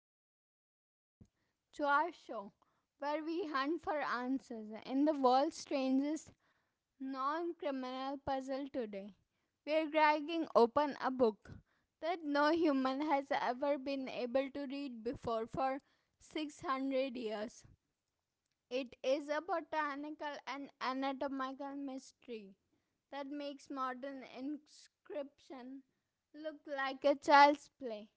and welcome back to our show, where we hunt for answers in the world's strangest non criminal puzzle today. We're dragging open a book that no human has ever been able to read before for 600 years. It is a botanical and anatomical mystery that makes modern inscription look like a child's play.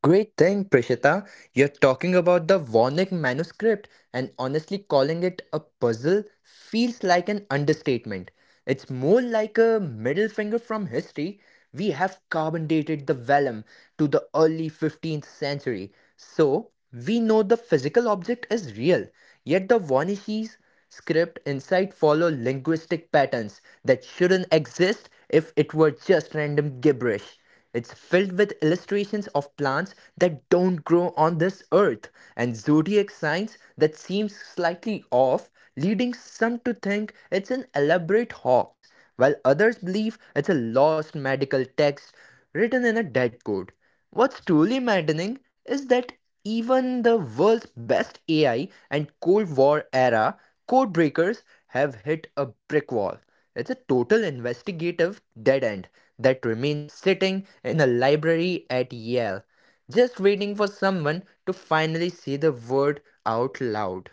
Great thing, Prishita. You're talking about the Warnick manuscript, and honestly, calling it a puzzle feels like an understatement. It's more like a middle finger from history. We have carbon dated the vellum to the early 15th century, so we know the physical object is real. Yet the Warnicki's script inside follow linguistic patterns that shouldn't exist if it were just random gibberish. It's filled with illustrations of plants that don't grow on this earth and zodiac signs that seem slightly off, leading some to think it's an elaborate hoax, while others believe it's a lost medical text written in a dead code. What's truly maddening is that even the world's best AI and Cold War era code breakers have hit a brick wall. It's a total investigative dead end that remains sitting in a library at Yale, just waiting for someone to finally say the word out loud.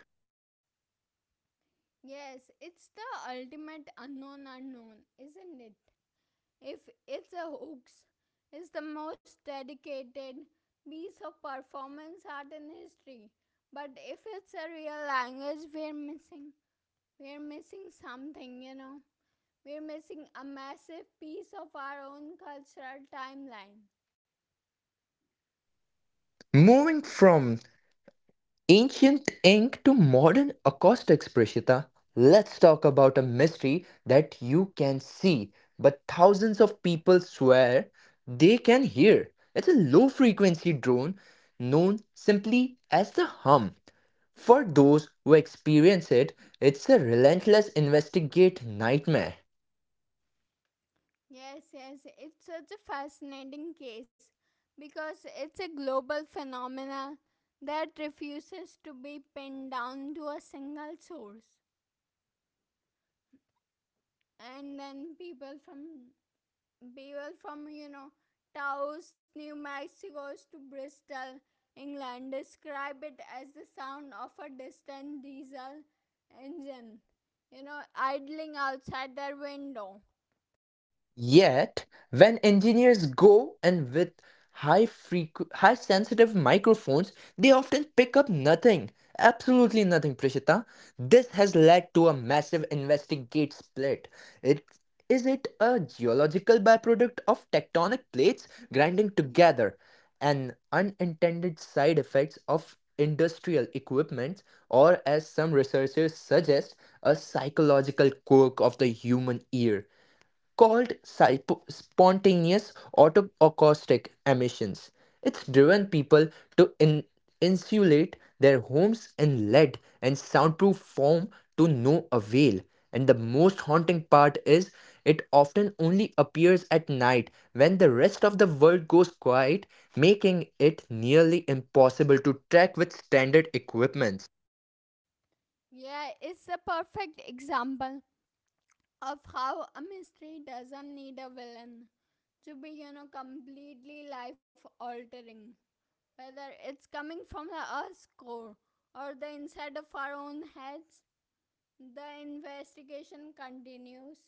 Yes, it's the ultimate unknown unknown, isn't it? If it's a hoax, it's the most dedicated piece of performance art in history. But if it's a real language, we're missing. We're missing something. We're missing a massive piece of our own cultural timeline. Moving from ancient ink to modern acoustics, Prishita. Let's talk about a mystery that you can see, but thousands of people swear they can hear. It's a low frequency drone known simply as the hum. For those who experience it, it's a relentless investigate nightmare. Yes, yes, it's such a fascinating case because it's a global phenomena that refuses to be pinned down to a single source. And then people from people from Taos, New Mexico, to Bristol, England describe it as the sound of a distant diesel engine, idling outside their window. Yet, when engineers go and with high sensitive microphones, they often pick up nothing. Absolutely nothing, Prishita. This has led to a massive investigate split. It is it a geological byproduct of tectonic plates grinding together, an unintended side effects of industrial equipment, or as some researchers suggest, a psychological quirk of the human ear called spontaneous autoacoustic emissions? It's driven people to in- insulate their homes in lead and soundproof foam to no avail. And the most haunting part is it often only appears at night when the rest of the world goes quiet, making it nearly impossible to track with standard equipment. Yeah, it's a perfect example of how a mystery doesn't need a villain to be, completely life altering. Whether it's coming from the Earth's core or the inside of our own heads, the investigation continues.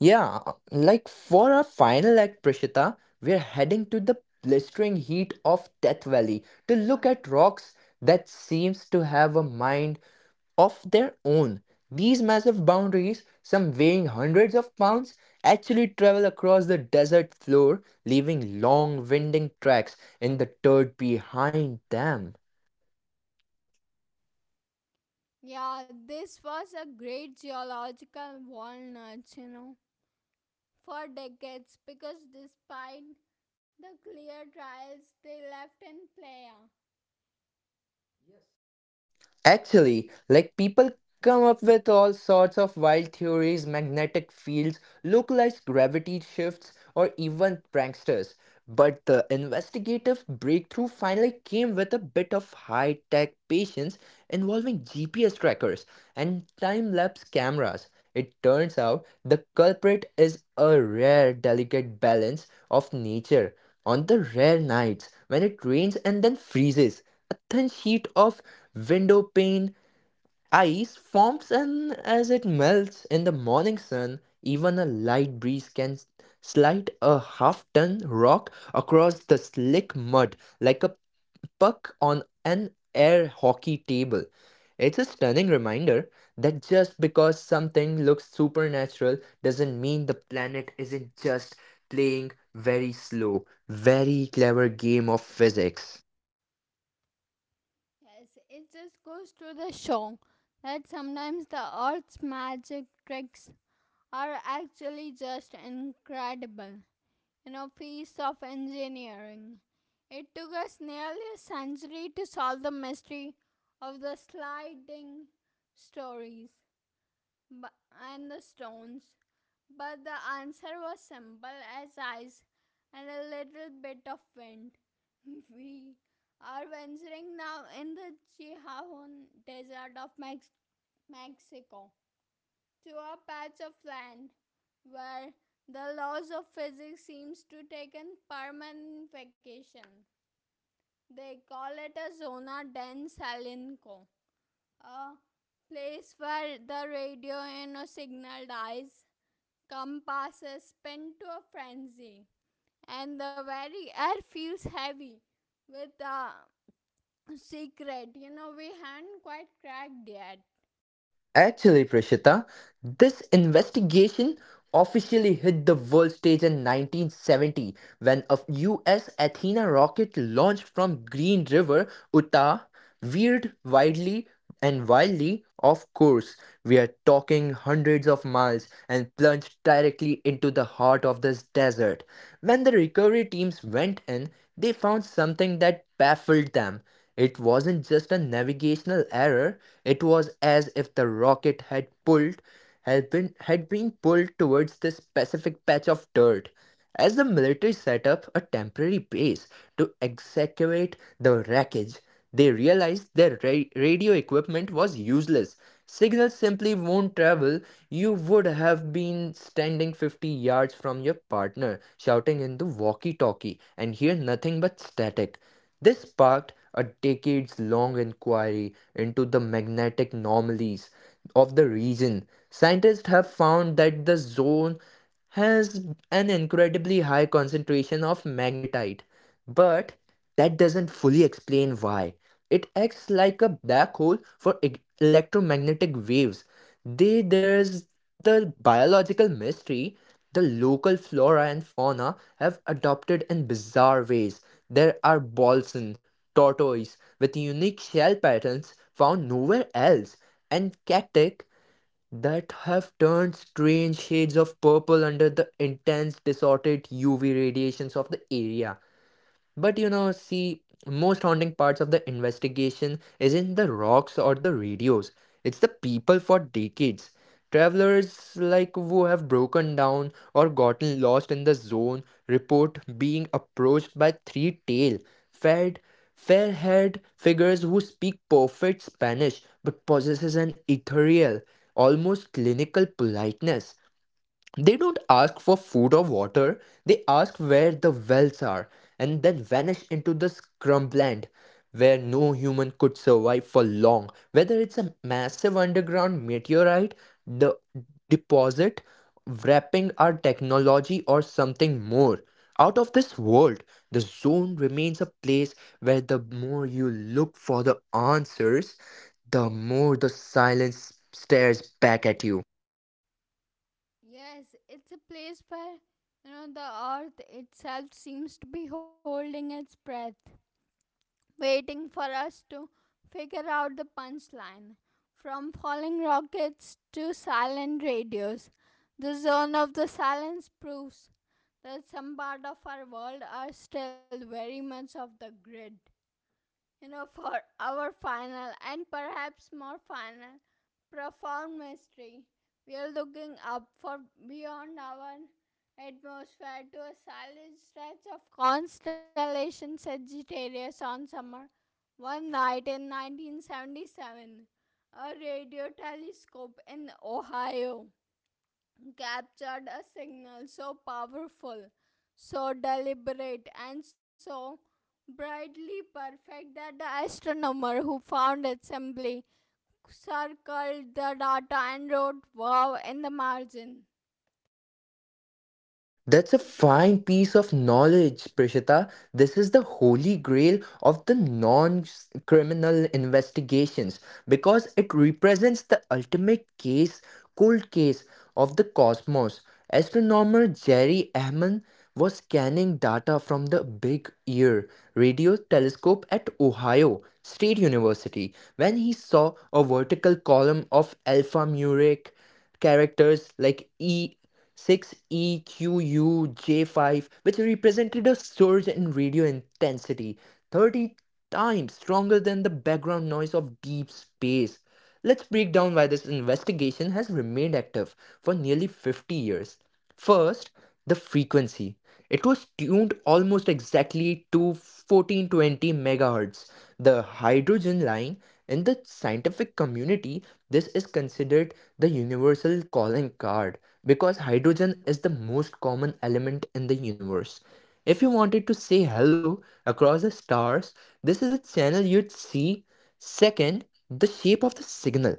Yeah, like for our final act, Prishita, we're heading to the blistering heat of Death Valley to look at rocks that seems to have a mind of their own. These massive boundaries, some weighing hundreds of pounds, actually travel across the desert floor, leaving long, winding tracks in the dirt behind them. Yeah, this was a great geological walnut, for decades because despite the clear trials they left in Playa, Actually, like people come up with all sorts of wild theories, magnetic fields, localized gravity shifts, or even pranksters. But the investigative breakthrough finally came with a bit of high tech patience involving GPS trackers and time lapse cameras. It turns out the culprit is a rare, delicate balance of nature. On the rare nights when it rains and then freezes, a thin sheet of window pane ice forms, and as it melts in the morning sun, even a light breeze can slide a half-ton rock across the slick mud like a puck on an air hockey table. It's a stunning reminder that just because something looks supernatural doesn't mean the planet isn't just playing very slow, very clever game of physics. Yes, it just goes to the show that sometimes the Earth's magic tricks are actually just incredible. Feats of engineering. It took us nearly a century to solve the mystery of the sliding stories bu- and the stones. But the answer was simple as ice and a little bit of wind. We are venturing now in the Chihuahuan desert of Mexico, to a patch of land where the laws of physics seems to take a permanent vacation. They call it a zona dense, a place where the radio and a signal dies, compasses spin to a frenzy, and the very air feels heavy with a secret. We have not quite cracked yet. Actually, Prashita, this investigation officially hit the world stage in 1970 when a US Athena rocket launched from Green River, Utah, veered widely and wildly off course. We are talking hundreds of miles and plunged directly into the heart of this desert. When the recovery teams went in, they found something that baffled them. It wasn't just a navigational error, it was as if the rocket had been pulled towards this specific patch of dirt. As the military set up a temporary base to excavate the wreckage, they realized their radio equipment was useless. Signals simply won't travel. You would have been standing 50 yards from your partner, shouting in the walkie talkie, and hear nothing but static. This sparked a decades long inquiry into the magnetic anomalies of the region. Scientists have found that the zone has an incredibly high concentration of magnetite, but that doesn't fully explain why. It acts like a black hole for electromagnetic waves. There's the biological mystery. The local flora and fauna have adopted in bizarre ways. There are balsam, tortoise with unique shell patterns found nowhere else, and cacti that have turned strange shades of purple under the intense, distorted UV radiations of the area. But you know, see, most haunting parts of the investigation isn't the rocks or the radios. It's the people. For decades, travelers like who have broken down or gotten lost in the zone report being approached by three-tail, fed, fair-haired figures who speak perfect Spanish but possesses an ethereal, almost clinical politeness. They don't ask for food or water, they ask where the wells are and then vanish into the scrubland where no human could survive for long. Whether it's a massive underground meteorite, the deposit wrapping our technology, or something more out of this world, the zone remains a place where the more you look for the answers, the more the silence stares back at you. Yes, it's a place where the earth itself seems to be holding its breath, waiting for us to figure out the punchline. From falling rockets to silent radios, the zone of the silence proves that some part of our world are still very much of the grid. For our final and perhaps more final profound mystery, we are looking up for beyond our atmosphere to a solid stretch of constellation Sagittarius on summer. One night in 1977, a radio telescope in Ohio captured a signal so powerful, so deliberate, and so brightly perfect that the astronomer who found it simply circled the data and wrote wow in the margin. That's a fine piece of knowledge, Prishita. This is the holy grail of the non criminal investigations, because it represents the ultimate cold case of the cosmos. Astronomer Jerry Ahman was scanning data from the Big Ear radio telescope at Ohio State University when he saw a vertical column of alphanumeric characters like E 6EQUJ5, which represented a surge in radio intensity, 30 times stronger than the background noise of deep space. Let's break down why this investigation has remained active for nearly 50 years. First, the frequency. It was tuned almost exactly to 1420 megahertz, the hydrogen line. In the scientific community, this is considered the universal calling card because hydrogen is the most common element in the universe. If you wanted to say hello across the stars, this is the channel you'd see. Second, the shape of the signal.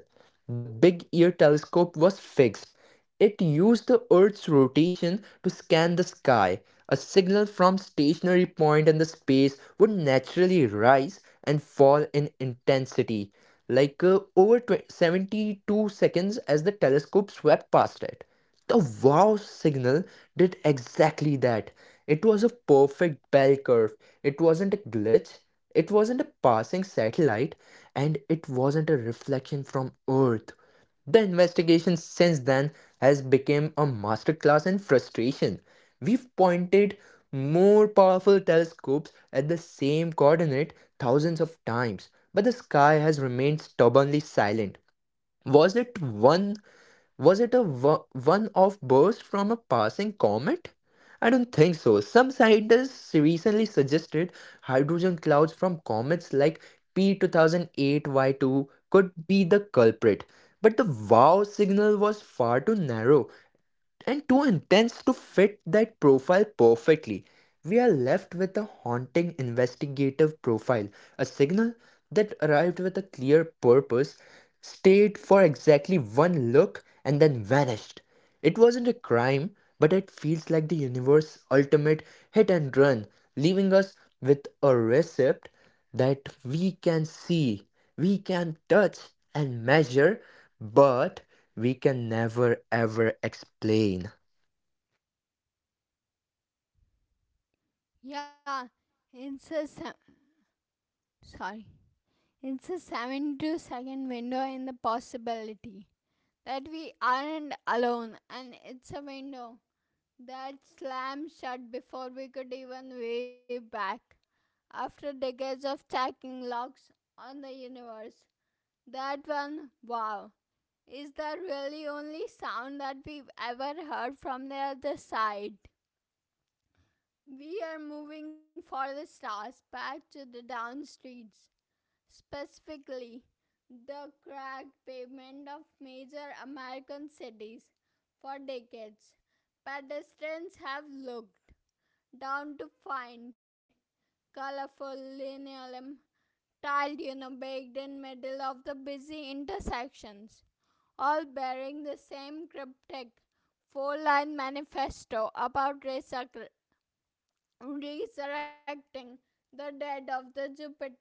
The big ear telescope was fixed, it used the Earth's rotation to scan the sky. A signal from stationary point in the space would naturally rise and fall in intensity, over 20 72 seconds as the telescope swept past it. The wow signal did exactly that. It was a perfect bell curve. It wasn't a glitch. It wasn't a passing satellite, and it wasn't a reflection from Earth. The investigation since then has become a masterclass in frustration. We've pointed more powerful telescopes at the same coordinate thousands of times, but the sky has remained stubbornly silent. Was it one was it a one off burst from a passing comet? I don't think so. Some scientists recently suggested hydrogen clouds from comets like P2008Y2 could be the culprit, but the wow signal was far too narrow and too intense to fit that profile perfectly. We are left with a haunting investigative profile, a signal that arrived with a clear purpose, stayed for exactly one look, and then vanished. It wasn't a crime, but it feels like the universe's ultimate hit and run, leaving us with a recept that we can see, we can touch, and measure, but we can never ever explain. Yeah, it's a se- sorry. It's a 72-second window in the possibility that we aren't alone, and it's a window that slammed shut before we could even wave back. After decades of tacking locks on the universe, that one, wow, is the really only sound that we've ever heard from the other side. We are moving for the stars back to the down streets, specifically the cracked pavement of major American cities. For decades, pedestrians have looked down to find colorful linoleum tiled in a baked in middle of the busy intersections, all bearing the same cryptic four-line manifesto about resurrecting the dead of the Jupiter.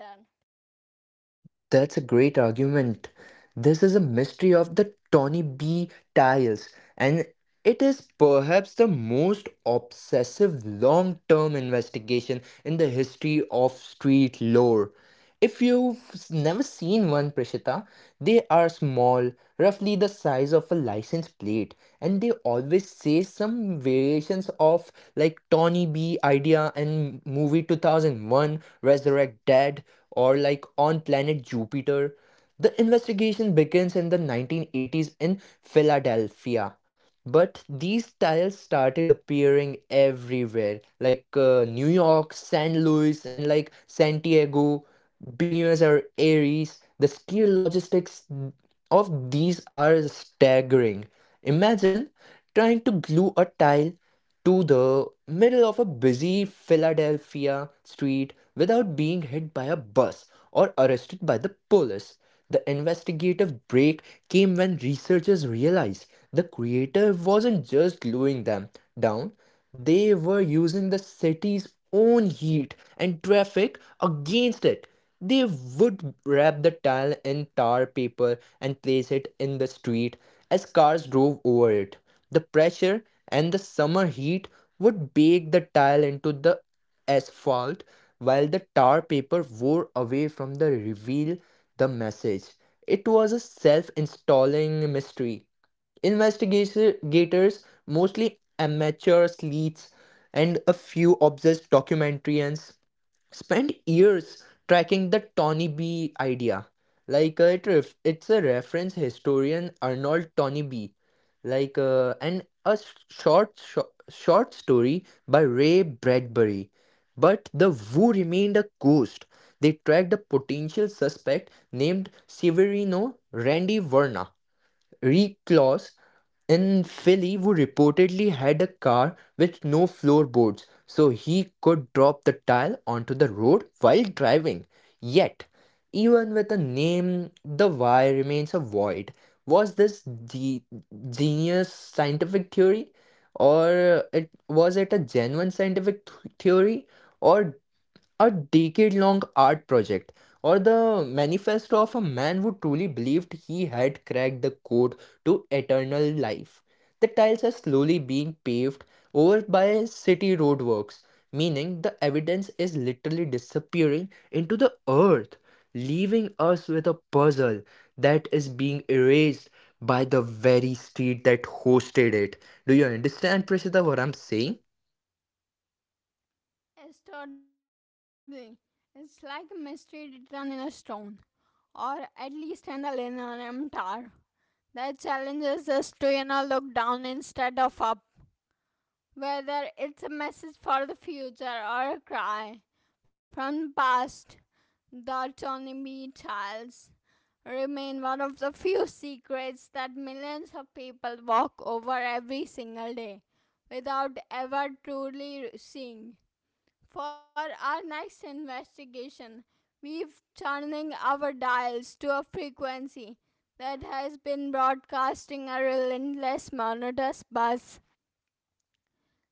That's a great argument. This is a mystery of the Tony B tiles, and it is perhaps the most obsessive long term investigation in the history of street lore. If you've never seen one, Prishita, they are small, roughly the size of a license plate, and they always say some variations of like Tawny B idea in movie 2001, Resurrect Dead, or like on planet Jupiter. The investigation begins in the 1980s in Philadelphia, but these tiles started appearing everywhere, like New York, San Luis, and like Santiago, Buenos Aires. The skill logistics of these are staggering. Imagine trying to glue a tile to the middle of a busy Philadelphia street without being hit by a bus or arrested by the police. The investigative break came when researchers realized the creator wasn't just gluing them down, they were using the city's own heat and traffic against it. They would wrap the tile in tar paper and place it in the street. As cars drove over it, the pressure and the summer heat would bake the tile into the asphalt while the tar paper wore away from the reveal the message. It was a self installing mystery. Investigators, mostly amateur sleuths and a few obsessed documentarians, spent years tracking the Tony B idea. It it's a reference historian Arnold Tony B. And a short story by Ray Bradbury. But the Wu remained a ghost. They tracked a potential suspect named Severino Randy Verna, recluse in Philly who reportedly had a car with no floorboards so he could drop the tile onto the road while driving. Yet, even with a name, the why remains a void. Was this the genius scientific theory? Or it Was it a genuine scientific theory? Or a decade long art project, or the manifesto of a man who truly believed he had cracked the code to eternal life. The tiles are slowly being paved over by city roadworks, meaning the evidence is literally disappearing into the earth, leaving us with a puzzle that is being erased by the very street that hosted it. Do you understand, Prasita, what I'm saying? It's totally, it's like a mystery written in a stone, or at least in the linoleum tar, that challenges us to, look down instead of up. Whether it's a message for the future or a cry from the past, the Tony B. Tiles remain one of the few secrets that millions of people walk over every single day without ever truly seeing. For our next investigation, we've turning our dials to a frequency that has been broadcasting a relentless monotonous buzz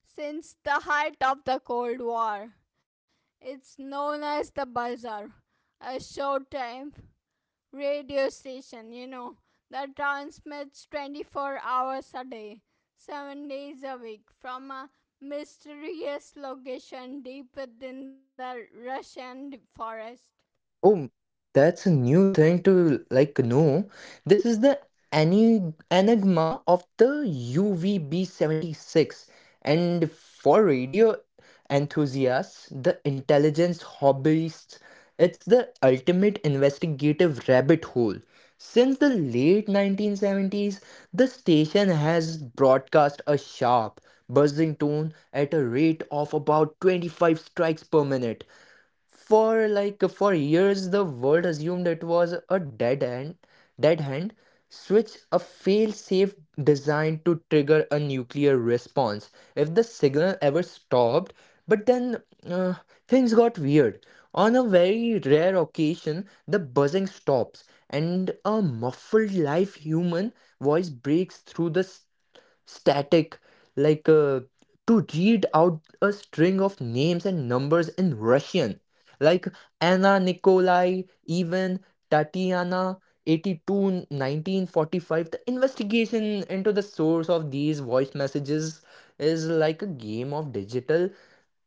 since the height of the Cold War. It's known as the Bazaar, a showtime radio station, that transmits 24 hours a day, 7 days a week, from a mysterious location deep within the Russian forest. Oh, that's a new thing to know. This is the any enigma of the UVB-76. And for radio enthusiasts, the intelligence hobbyists, it's the ultimate investigative rabbit hole. Since the late 1970s, the station has broadcast a sharp, buzzing tone at a rate of about 25 strikes per minute for years. The world assumed it was a dead hand switch, a fail-safe designed to trigger a nuclear response if the signal ever stopped. But then uh, things got weird. On a very rare occasion, the buzzing stops and a muffled live human voice breaks through the static, like uh, to read out a string of names and numbers in Russian, like Anna, Nikolai, Ivan, Tatiana, 82, 1945. The investigation into the source of these voice messages is like a game of digital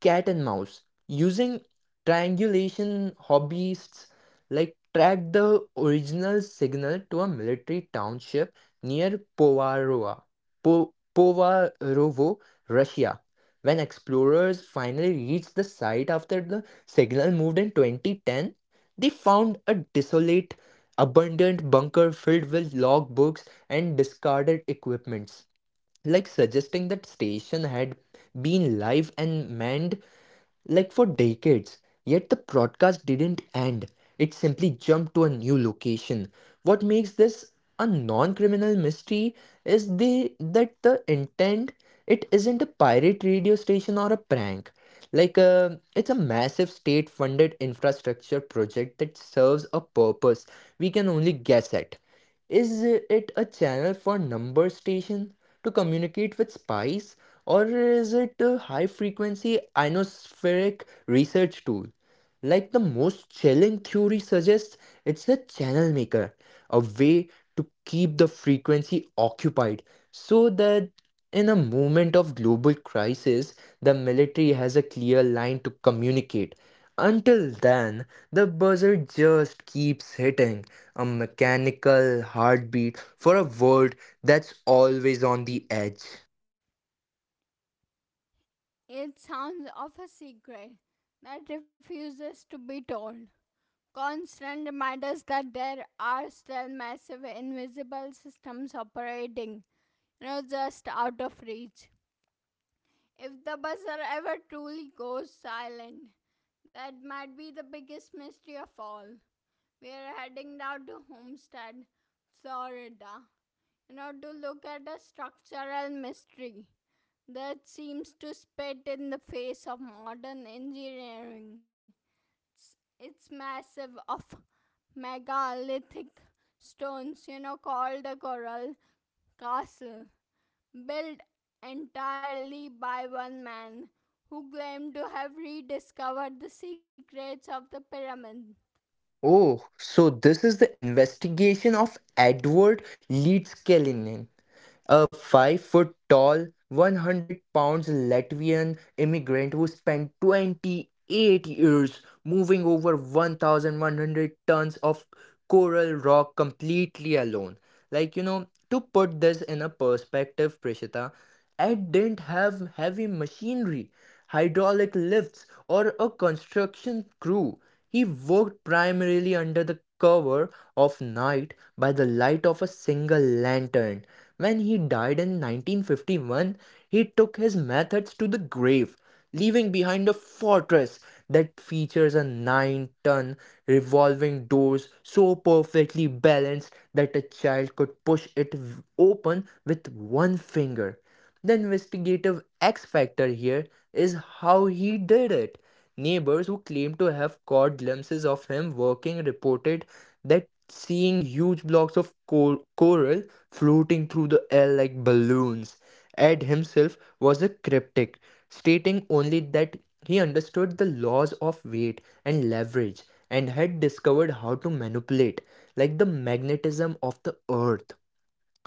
cat and mouse. Using triangulation, hobbyists track the original signal to a military township near Povarovo, Russia. When explorers finally reached the site after the signal moved in 2010, they found a desolate, abandoned bunker filled with logbooks and discarded equipments, like suggesting that station had been live and manned like for decades. Yet the broadcast didn't end, it simply jumped to a new location. What makes this a non criminal mystery is that the intent. It isn't a pirate radio station or a prank. Like, it's a massive state funded infrastructure project that serves a purpose we can only guess at. Is it a channel for number station to communicate with spies, or is it a high frequency ionospheric research tool? Like the most chilling theory suggests, it's a channel maker, a way to keep the frequency occupied so that in a moment of global crisis, the military has a clear line to communicate. Until then, the buzzer just keeps hitting, a mechanical heartbeat for a world that's always on the edge. It sounds of a secret that refuses to be told. Constant reminders that there are still massive invisible systems operating, just out of reach. If the buzzer ever truly goes silent, that might be the biggest mystery of all. We are heading down to Homestead, Florida, to look at a structural mystery that seems to spit in the face of modern engineering. It's massive, of megalithic stones, called a coral castle, built entirely by one man who claimed to have rediscovered the secrets of the pyramid. Oh, so this is the investigation of Edward Leeds Kellinin, a 5 foot tall, 100 pounds Latvian immigrant who spent 28 years moving over 1,100 tons of coral rock completely alone. Like, you know, to put this in a perspective, Prishita, it didn't have heavy machinery, hydraulic lifts, or a construction crew. He worked primarily under the cover of night by the light of a single lantern. When he died in 1951, he took his methods to the grave, leaving behind a fortress that features a 9-ton revolving doors so perfectly balanced that a child could push it open with one finger. The investigative X factor here is how he did it. Neighbors who claim to have caught glimpses of him working reported that seeing huge blocks of coral floating through the air like balloons. Ed himself was a cryptic, stating only that he understood the laws of weight and leverage and had discovered how to manipulate, like, the magnetism of the earth.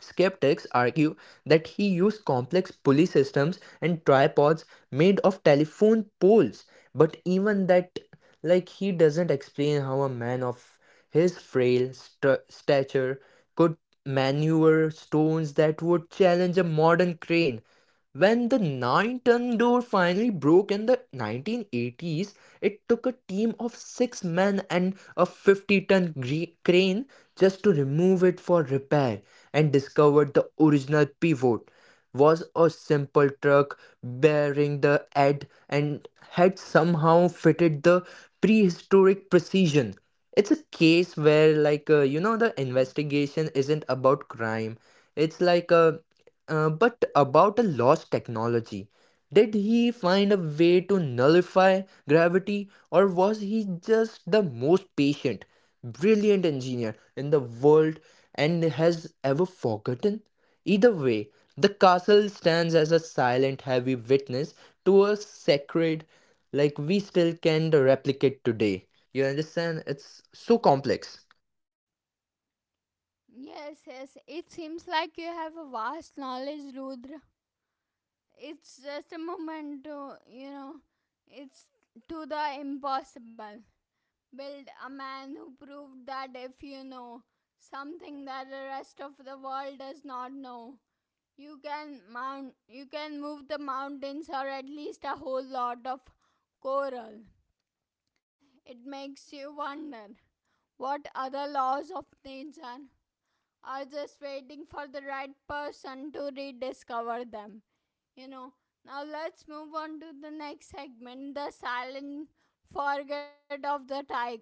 Skeptics argue that he used complex pulley systems and tripods made of telephone poles, but even that, like, he doesn't explain how a man of his frail stature could maneuver stones that would challenge a modern crane. When the 9-ton door finally broke in the 1980s, it took a team of six men and a 50-ton crane just to remove it for repair and discovered the original pivot was a simple truck bearing the head and had somehow fitted the prehistoric precision. It's a case where, like, you know, the investigation isn't about crime. It's like a But about a lost technology. Did he find a way to nullify gravity, or was he just the most patient, brilliant engineer in the world and has ever forgotten? Either way, the castle stands as a silent, heavy witness to a sacred, like, we still can't replicate today. You understand? It's so complex. Yes, yes, it seems like you have a vast knowledge, Rudra. It's just a moment to, it's to the impossible. Build a man who proved that if something that the rest of the world does not know, you can move the mountains, or at least a whole lot of coral. It makes you wonder what other laws of nature are just waiting for the right person to rediscover them. You know, Now let's move on to the next segment, the silent forget of the tiger.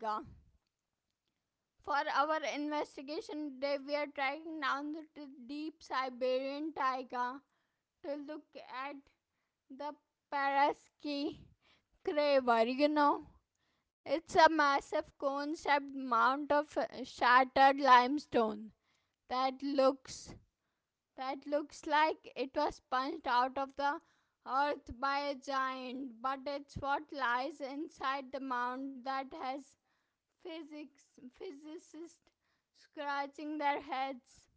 For our investigation today, we are tracking down the deep Siberian tiger to look at the Paraski crater. It's a massive cone shaped mound of shattered limestone that looks like it was punched out of the earth by a giant, but it's what lies inside the mound that has physics physicists scratching their heads.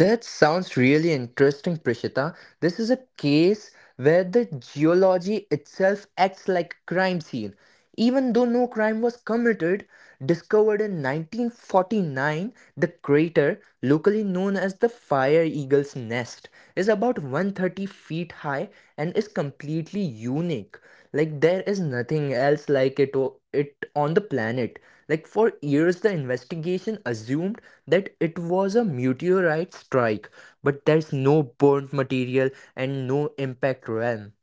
That sounds really interesting, Prishita. This is a case where the geology itself acts like a crime scene. Even though no crime was committed, discovered in 1949, the crater, locally known as the Fire Eagle's Nest, is about 130 feet high and is completely unique. Like there is nothing else like it on the planet. Like for years the investigation assumed that it was a meteorite strike, but there's no burnt material and no impact realm.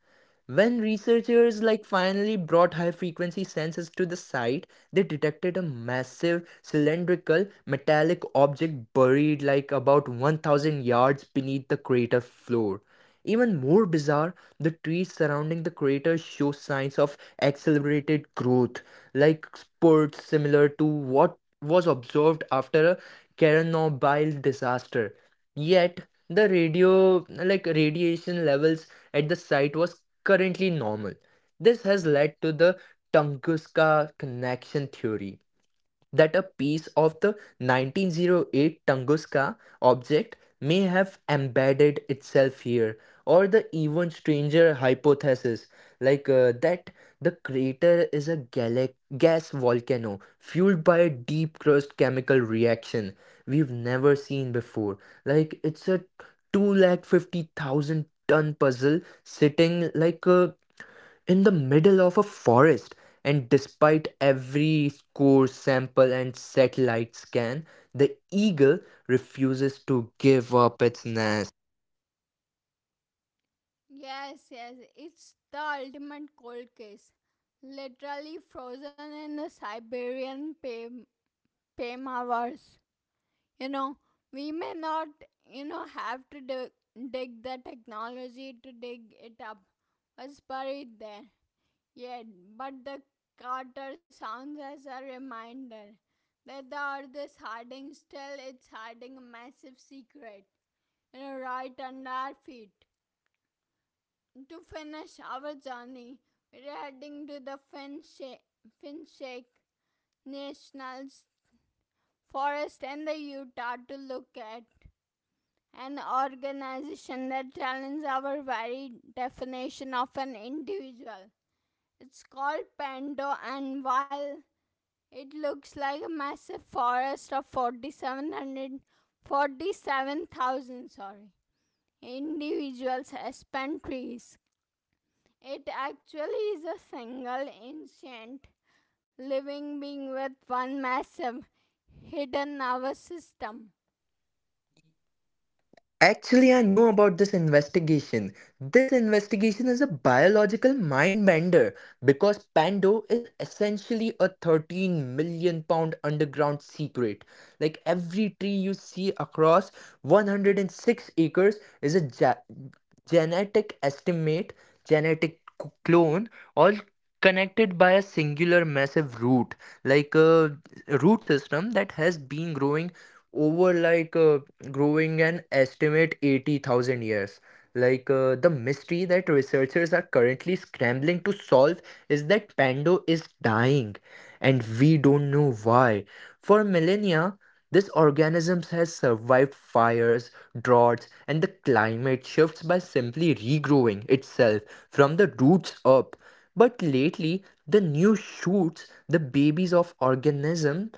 When researchers like finally brought high frequency sensors to the site, they detected a massive cylindrical metallic object buried like about 1000 yards beneath the crater floor. Even more bizarre, the trees surrounding the crater show signs of accelerated growth, like spurts similar to what was observed after a Chernobyl disaster. Yet, the radio like radiation levels at the site was currently normal. This has led to the Tunguska connection theory, that a piece of the 1908 Tunguska object may have embedded itself here, or the even stranger hypothesis, like that the crater is a gas volcano fueled by a deep crust chemical reaction we've never seen before. Like it's a 250,000 ton puzzle sitting like a in the middle of a forest, and despite every score sample and satellite scan, the eagle refuses to give up its nest. Yes, yes, it's the ultimate cold case. Literally frozen in the Siberian pamavers. You know, we may not, have to dig the technology to dig it up. Was buried there. Yet, but the Carter sounds as a reminder that the earth is hiding still, it's hiding a massive secret, right under our feet. To finish our journey, we're heading to the Finshake National Forest in the Utah to look at an organization that challenges our very definition of an individual. It's called Pando, and while it looks like a massive forest of 4,700, 47,000, sorry, individuals as pine trees, it actually is a single ancient living being with one massive hidden nervous system. Actually, I know about this investigation. This investigation is a biological mind bender because Pando is essentially a 13 million pound underground secret. Like every tree you see across 106 acres is a genetic estimate, genetic clone, or connected by a singular massive root, like a root system that has been growing over like growing an estimate 80,000 years. The mystery that researchers are currently scrambling to solve is that Pando is dying and we don't know why. For millennia this organism has survived fires, droughts, and the climate shifts by simply regrowing itself from the roots up. But lately, the new shoots, the babies of organism,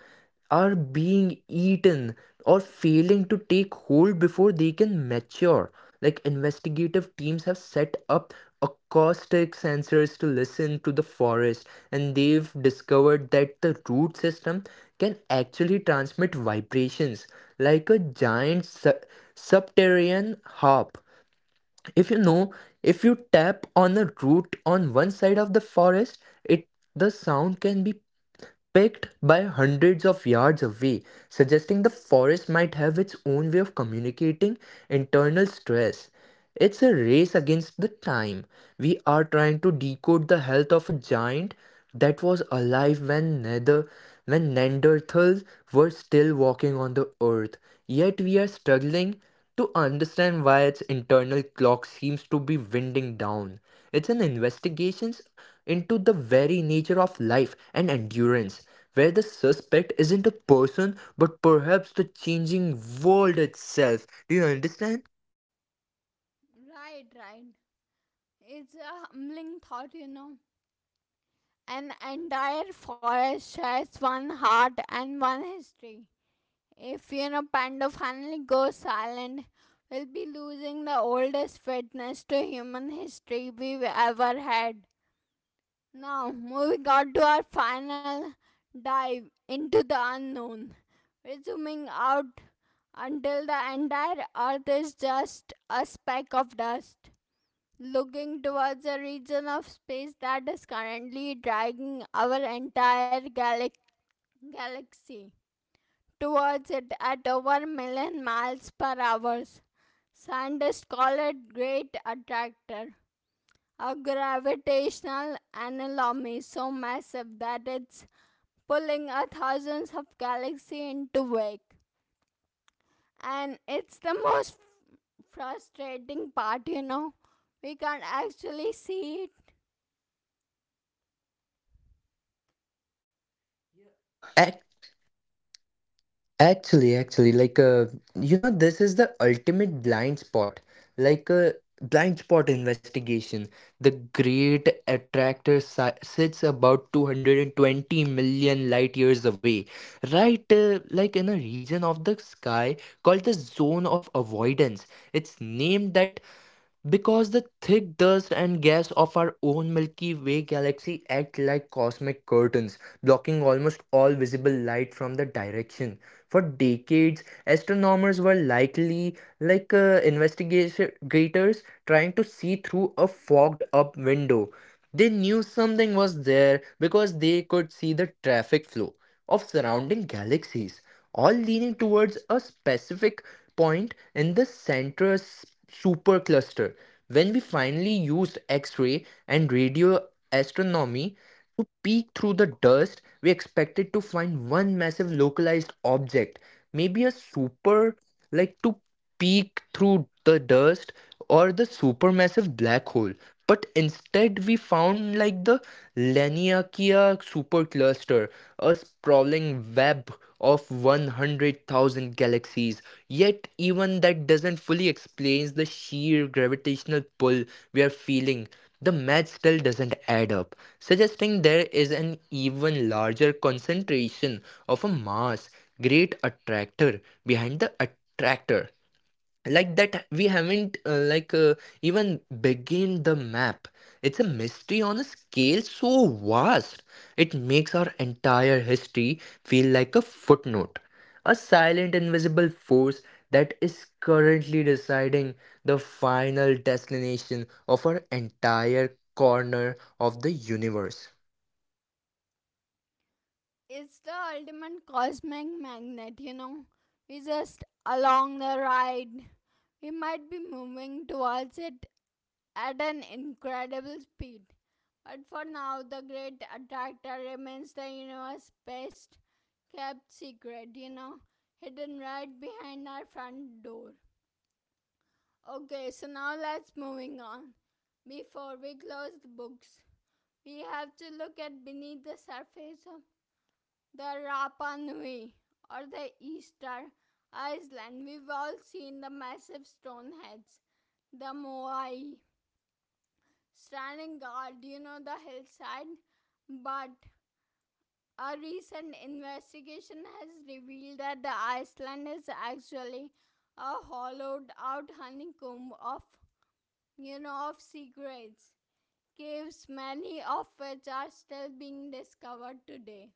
are being eaten or failing to take hold before they can mature. Like investigative teams have set up acoustic sensors to listen to the forest, and they've discovered that the root system can actually transmit vibrations like a giant subterranean harp. If you know, if you tap on a root on one side of the forest, it the sound can be picked by hundreds of yards away, suggesting the forest might have its own way of communicating internal stress. It's a race against the time. We are trying to decode the health of a giant that was alive when nether when Neanderthals were still walking on the earth. Yet we are struggling to understand why its internal clock seems to be winding down. It's an investigation into the very nature of life and endurance, where the suspect isn't a person but perhaps the changing world itself. Do you understand? Right, right. It's a humbling thought, An entire forest shares one heart and one history. If Panda finally goes silent, we'll be losing the oldest witness to human history we've ever had. Now, moving on to our final dive into the unknown. We're zooming out until the entire Earth is just a speck of dust, looking towards a region of space that is currently dragging our entire galaxy towards it at over a million miles per hour. Scientists call it Great Attractor, a gravitational anomaly so massive that it's pulling a thousands of galaxies into wake. And it's the most frustrating part, We can't actually see it. At actually, you know, this is the ultimate blind spot, like a blind spot investigation. The Great Attractor si sits about 220 million light years away, right? Like in a region of the sky called the Zone of Avoidance. It's named that because the thick dust and gas of our own Milky Way galaxy act like cosmic curtains, blocking almost all visible light from the direction. For decades, astronomers were likely like investigators trying to see through a fogged up window. They knew something was there because they could see the traffic flow of surrounding galaxies all leaning towards a specific point in the supercluster. When we finally used X ray and radio astronomy to peek through the dust, we expected to find one massive localized object, maybe a super like two peek through the dust or the supermassive black hole. But instead, we found like the Laniakea supercluster, a sprawling web of 100,000 galaxies. Yet, even that doesn't fully explain the sheer gravitational pull we are feeling. The math still doesn't add up, suggesting there is an even larger concentration of a mass, great attractor behind the attractor, that we haven't even begin the map. It's a mystery on a scale so vast it makes our entire history feel like a footnote, a silent invisible force that is currently deciding the final destination of our entire corner of the universe. It's the ultimate cosmic magnet, We just along the ride. We might be moving towards it at an incredible speed. But for now, the great attractor remains the universe's best kept secret, hidden right behind our front door. Okay, so now let's moving on. Before we close the books, we have to look at beneath the surface of the Rapa Nui, or the Easter Island. We've all seen the massive stone heads, the Moai, standing guard, the hillside. But a recent investigation has revealed that the island is actually a hollowed out honeycomb of of secrets, caves, many of which are still being discovered today.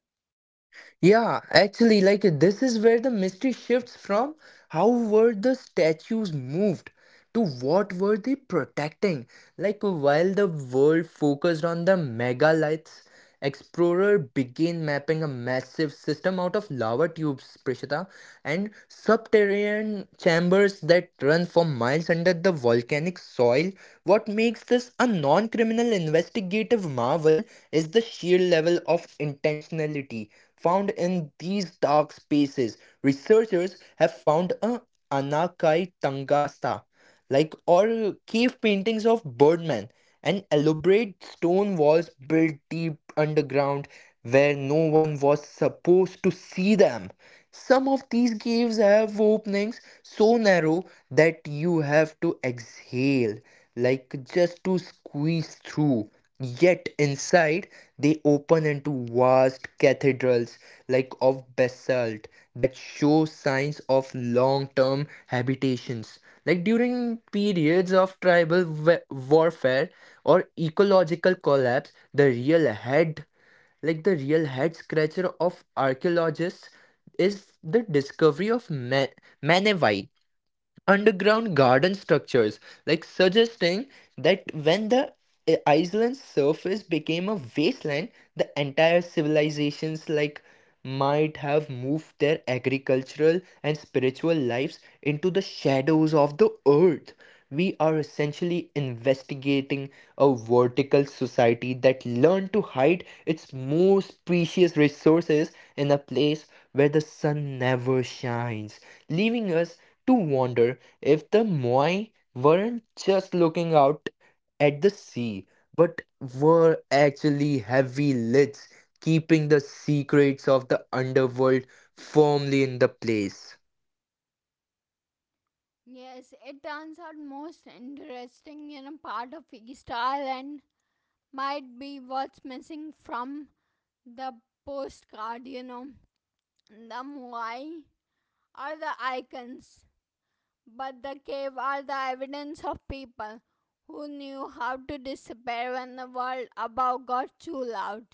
Yeah, actually, like this is where the mystery shifts from how were the statues moved to what were they protecting? Like while the world focused on the megaliths, Explorer began mapping a massive system out of lava tubes, Prishita, and subterranean chambers that run for miles under the volcanic soil. What makes this a non criminal investigative marvel is the sheer level of intentionality found in these dark spaces. Researchers have found a Anakai Tangasa, like, or cave paintings of birdmen and elaborate stone walls built deep underground where no one was supposed to see them. Some of these caves have openings so narrow that you have to exhale, like, just to squeeze through. Yet inside, they open into vast cathedrals of basalt that show signs of long-term habitations, during periods of tribal warfare or ecological collapse. The real head, the real head scratcher of archaeologists, is the discovery of Manevite underground garden structures, suggesting that when the island's surface became a wasteland, the entire civilizations might have moved their agricultural and spiritual lives into the shadows of the earth. We are essentially investigating a vertical society that learned to hide its most precious resources in a place where the sun never shines, leaving us to wonder if the Moai weren't just looking out at the sea, but were actually heavy lids keeping the secrets of the underworld firmly in the place. Yes, it turns out most interesting in a part of east Island might be what's missing from the postcard. The moai are the icons, but the cave are the evidence of people who knew how to disappear when the world above got too loud.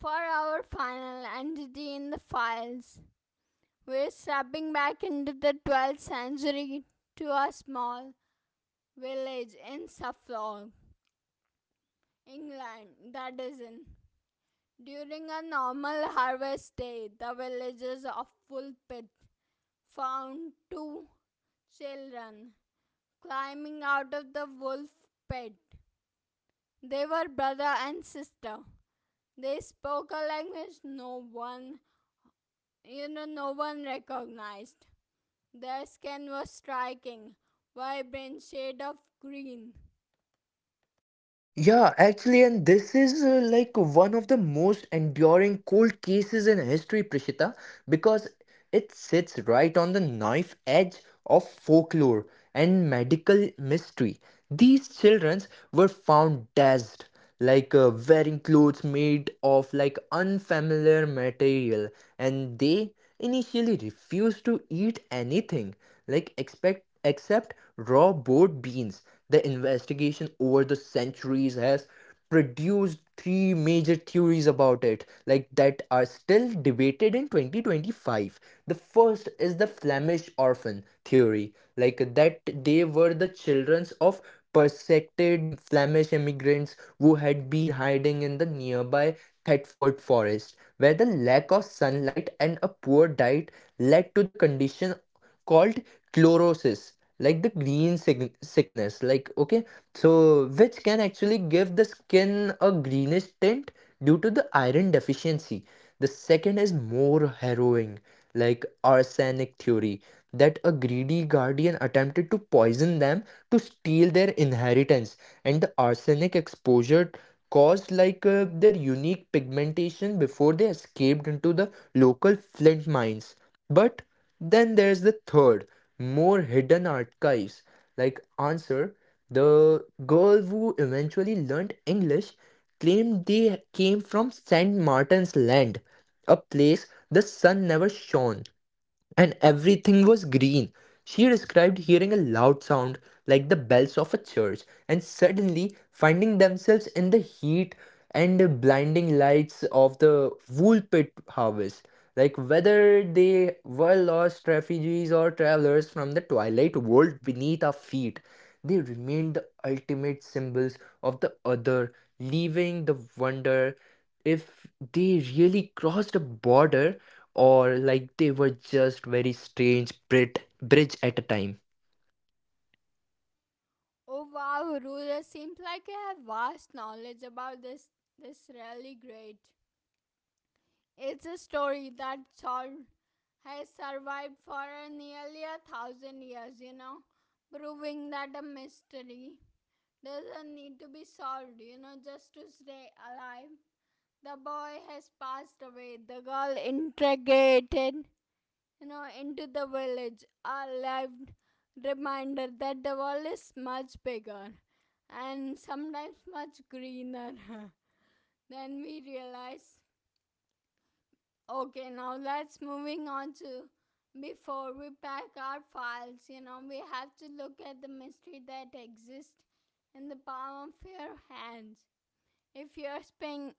For our final entity in the files, we're stepping back into the 12th century to a small village in Suffolk, England, that is in. During a normal harvest day, the villagers of Woolpit found two children climbing out of the wolf pit. They were brother and sister. They spoke a language no one recognized. Their skin was striking, vibrant shade of green. Yeah, actually, and this is one of the most enduring cold cases in history, Prishita, because it sits right on the knife edge of folklore and medical mystery. These children were found dazed, wearing clothes made of unfamiliar material, and they initially refused to eat anything, like expect except raw boiled beans. The investigation over the centuries has produced three major theories about it, that are still debated in 2025. The first is the Flemish orphan theory, that they were the children of persecuted Flemish immigrants who had been hiding in the nearby Thetford Forest, where the lack of sunlight and a poor diet led to the condition called chlorosis, the green sickness, which can actually give the skin a greenish tint due to the iron deficiency. The second is more harrowing, arsenic theory, that a greedy guardian attempted to poison them to steal their inheritance, and the arsenic exposure caused their unique pigmentation before they escaped into the local flint mines. But then there's the third, more hidden archives. Answer, the girl who eventually learned English claimed they came from Saint Martin's Land, a place the sun never shone and everything was green. She described hearing a loud sound like the bells of a church, and suddenly finding themselves in the heat and the blinding lights of the wool pit harvest. Whether they were lost refugees or travelers from the twilight world beneath our feet, they remained the ultimate symbols of the other, leaving the wonder if they really crossed a border, or they were just very strange, bridge at a time. Oh wow, Ruler seems like you have vast knowledge about this. This really great. It's a story that has survived for nearly a thousand years, proving that a mystery doesn't need to be solved, just to stay alive. The boy has passed away, the girl integrated, into the village. A lived reminder that the world is much bigger and sometimes much greener than we realize. Okay, now let's moving on to before we pack our files, we have to look at the mystery that exists in the palm of your hands. If you're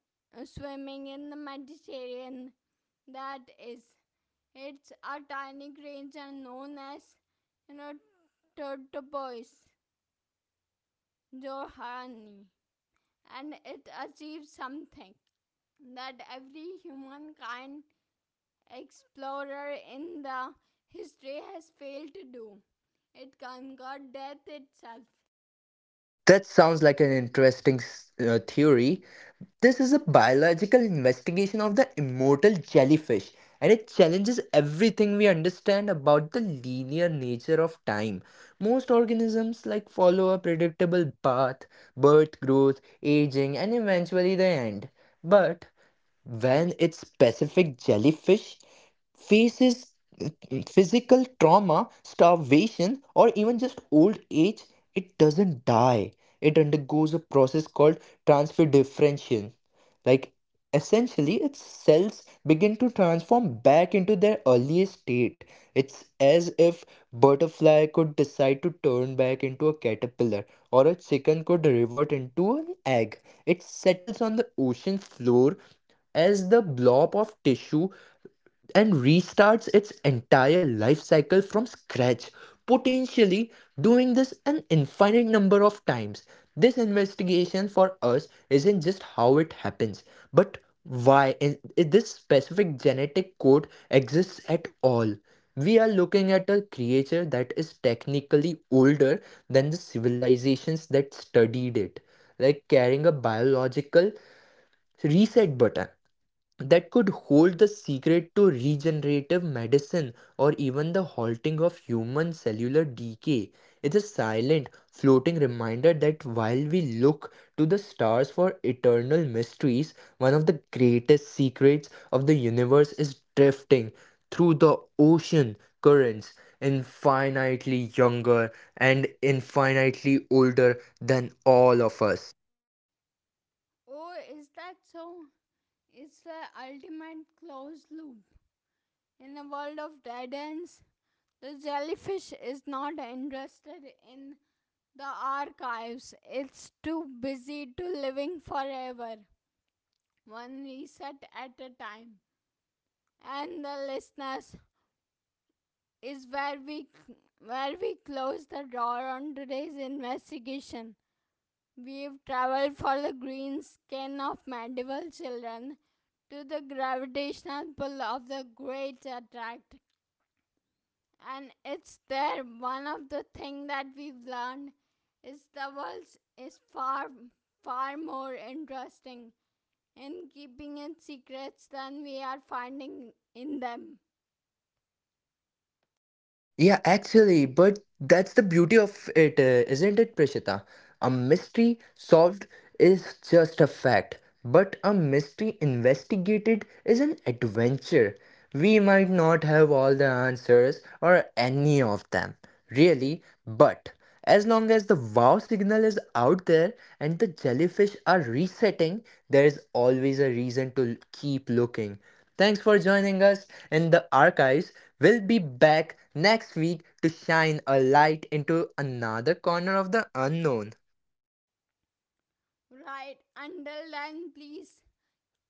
swimming in the Mediterranean, that is, it's a tiny creature known as, you know, tortoise, Johanni, and it achieves something that every humankind explorer in the history has failed to do. It conquered death itself. That sounds like an interesting theory. This is a biological investigation of the immortal jellyfish, and it challenges everything we understand about the linear nature of time. Most organisms follow a predictable path: birth, growth, aging, and eventually the end. But when its specific jellyfish faces physical trauma, starvation, or even just old age, it doesn't die. It undergoes a process called transfer differentiation. Like, Essentially, its cells begin to transform back into their earliest state. It's as if butterfly could decide to turn back into a caterpillar, or a chicken could revert into an egg. It settles on the ocean floor as the blob of tissue and restarts its entire life cycle from scratch, potentially doing this an infinite number of times. This investigation for us isn't just how it happens, but why if this specific genetic code exists at all. We are looking at a creature that is technically older than the civilizations that studied it, carrying a biological reset button that could hold the secret to regenerative medicine or even the halting of human cellular decay. It's a silent, floating reminder that while we look to the stars for eternal mysteries, one of the greatest secrets of the universe is drifting through the ocean currents, infinitely younger and infinitely older than all of us. Oh, is that so? It's the ultimate closed loop. In a world of dead ends, the jellyfish is not interested in the archives. It's too busy to living forever. One reset at a time. And the listeners is where we close the door on today's investigation. We've traveled for the green skin of medieval children to the gravitational pull of the great attract and it's there. One of the thing that we've learned is the world is far far more interesting in keeping its secrets than we are finding in them. Yeah, actually, but that's the beauty of it, isn't it, Prishita? A mystery solved is just a fact, but a mystery investigated is an adventure. We might not have all the answers, or any of them, really, but as long as the wow signal is out there and the jellyfish are resetting, there is always a reason to keep looking. Thanks for joining us in the archives. We'll be back next week to shine a light into another corner of the unknown. Right. Until then, please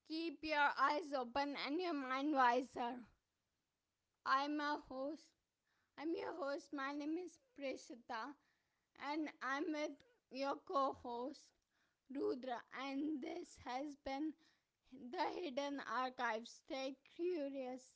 keep your eyes open and your mind wiser. I'm a host. I'm your host. My name is Preshita, and I'm with your co-host Rudra, and this has been the Hidden Archives. Stay curious.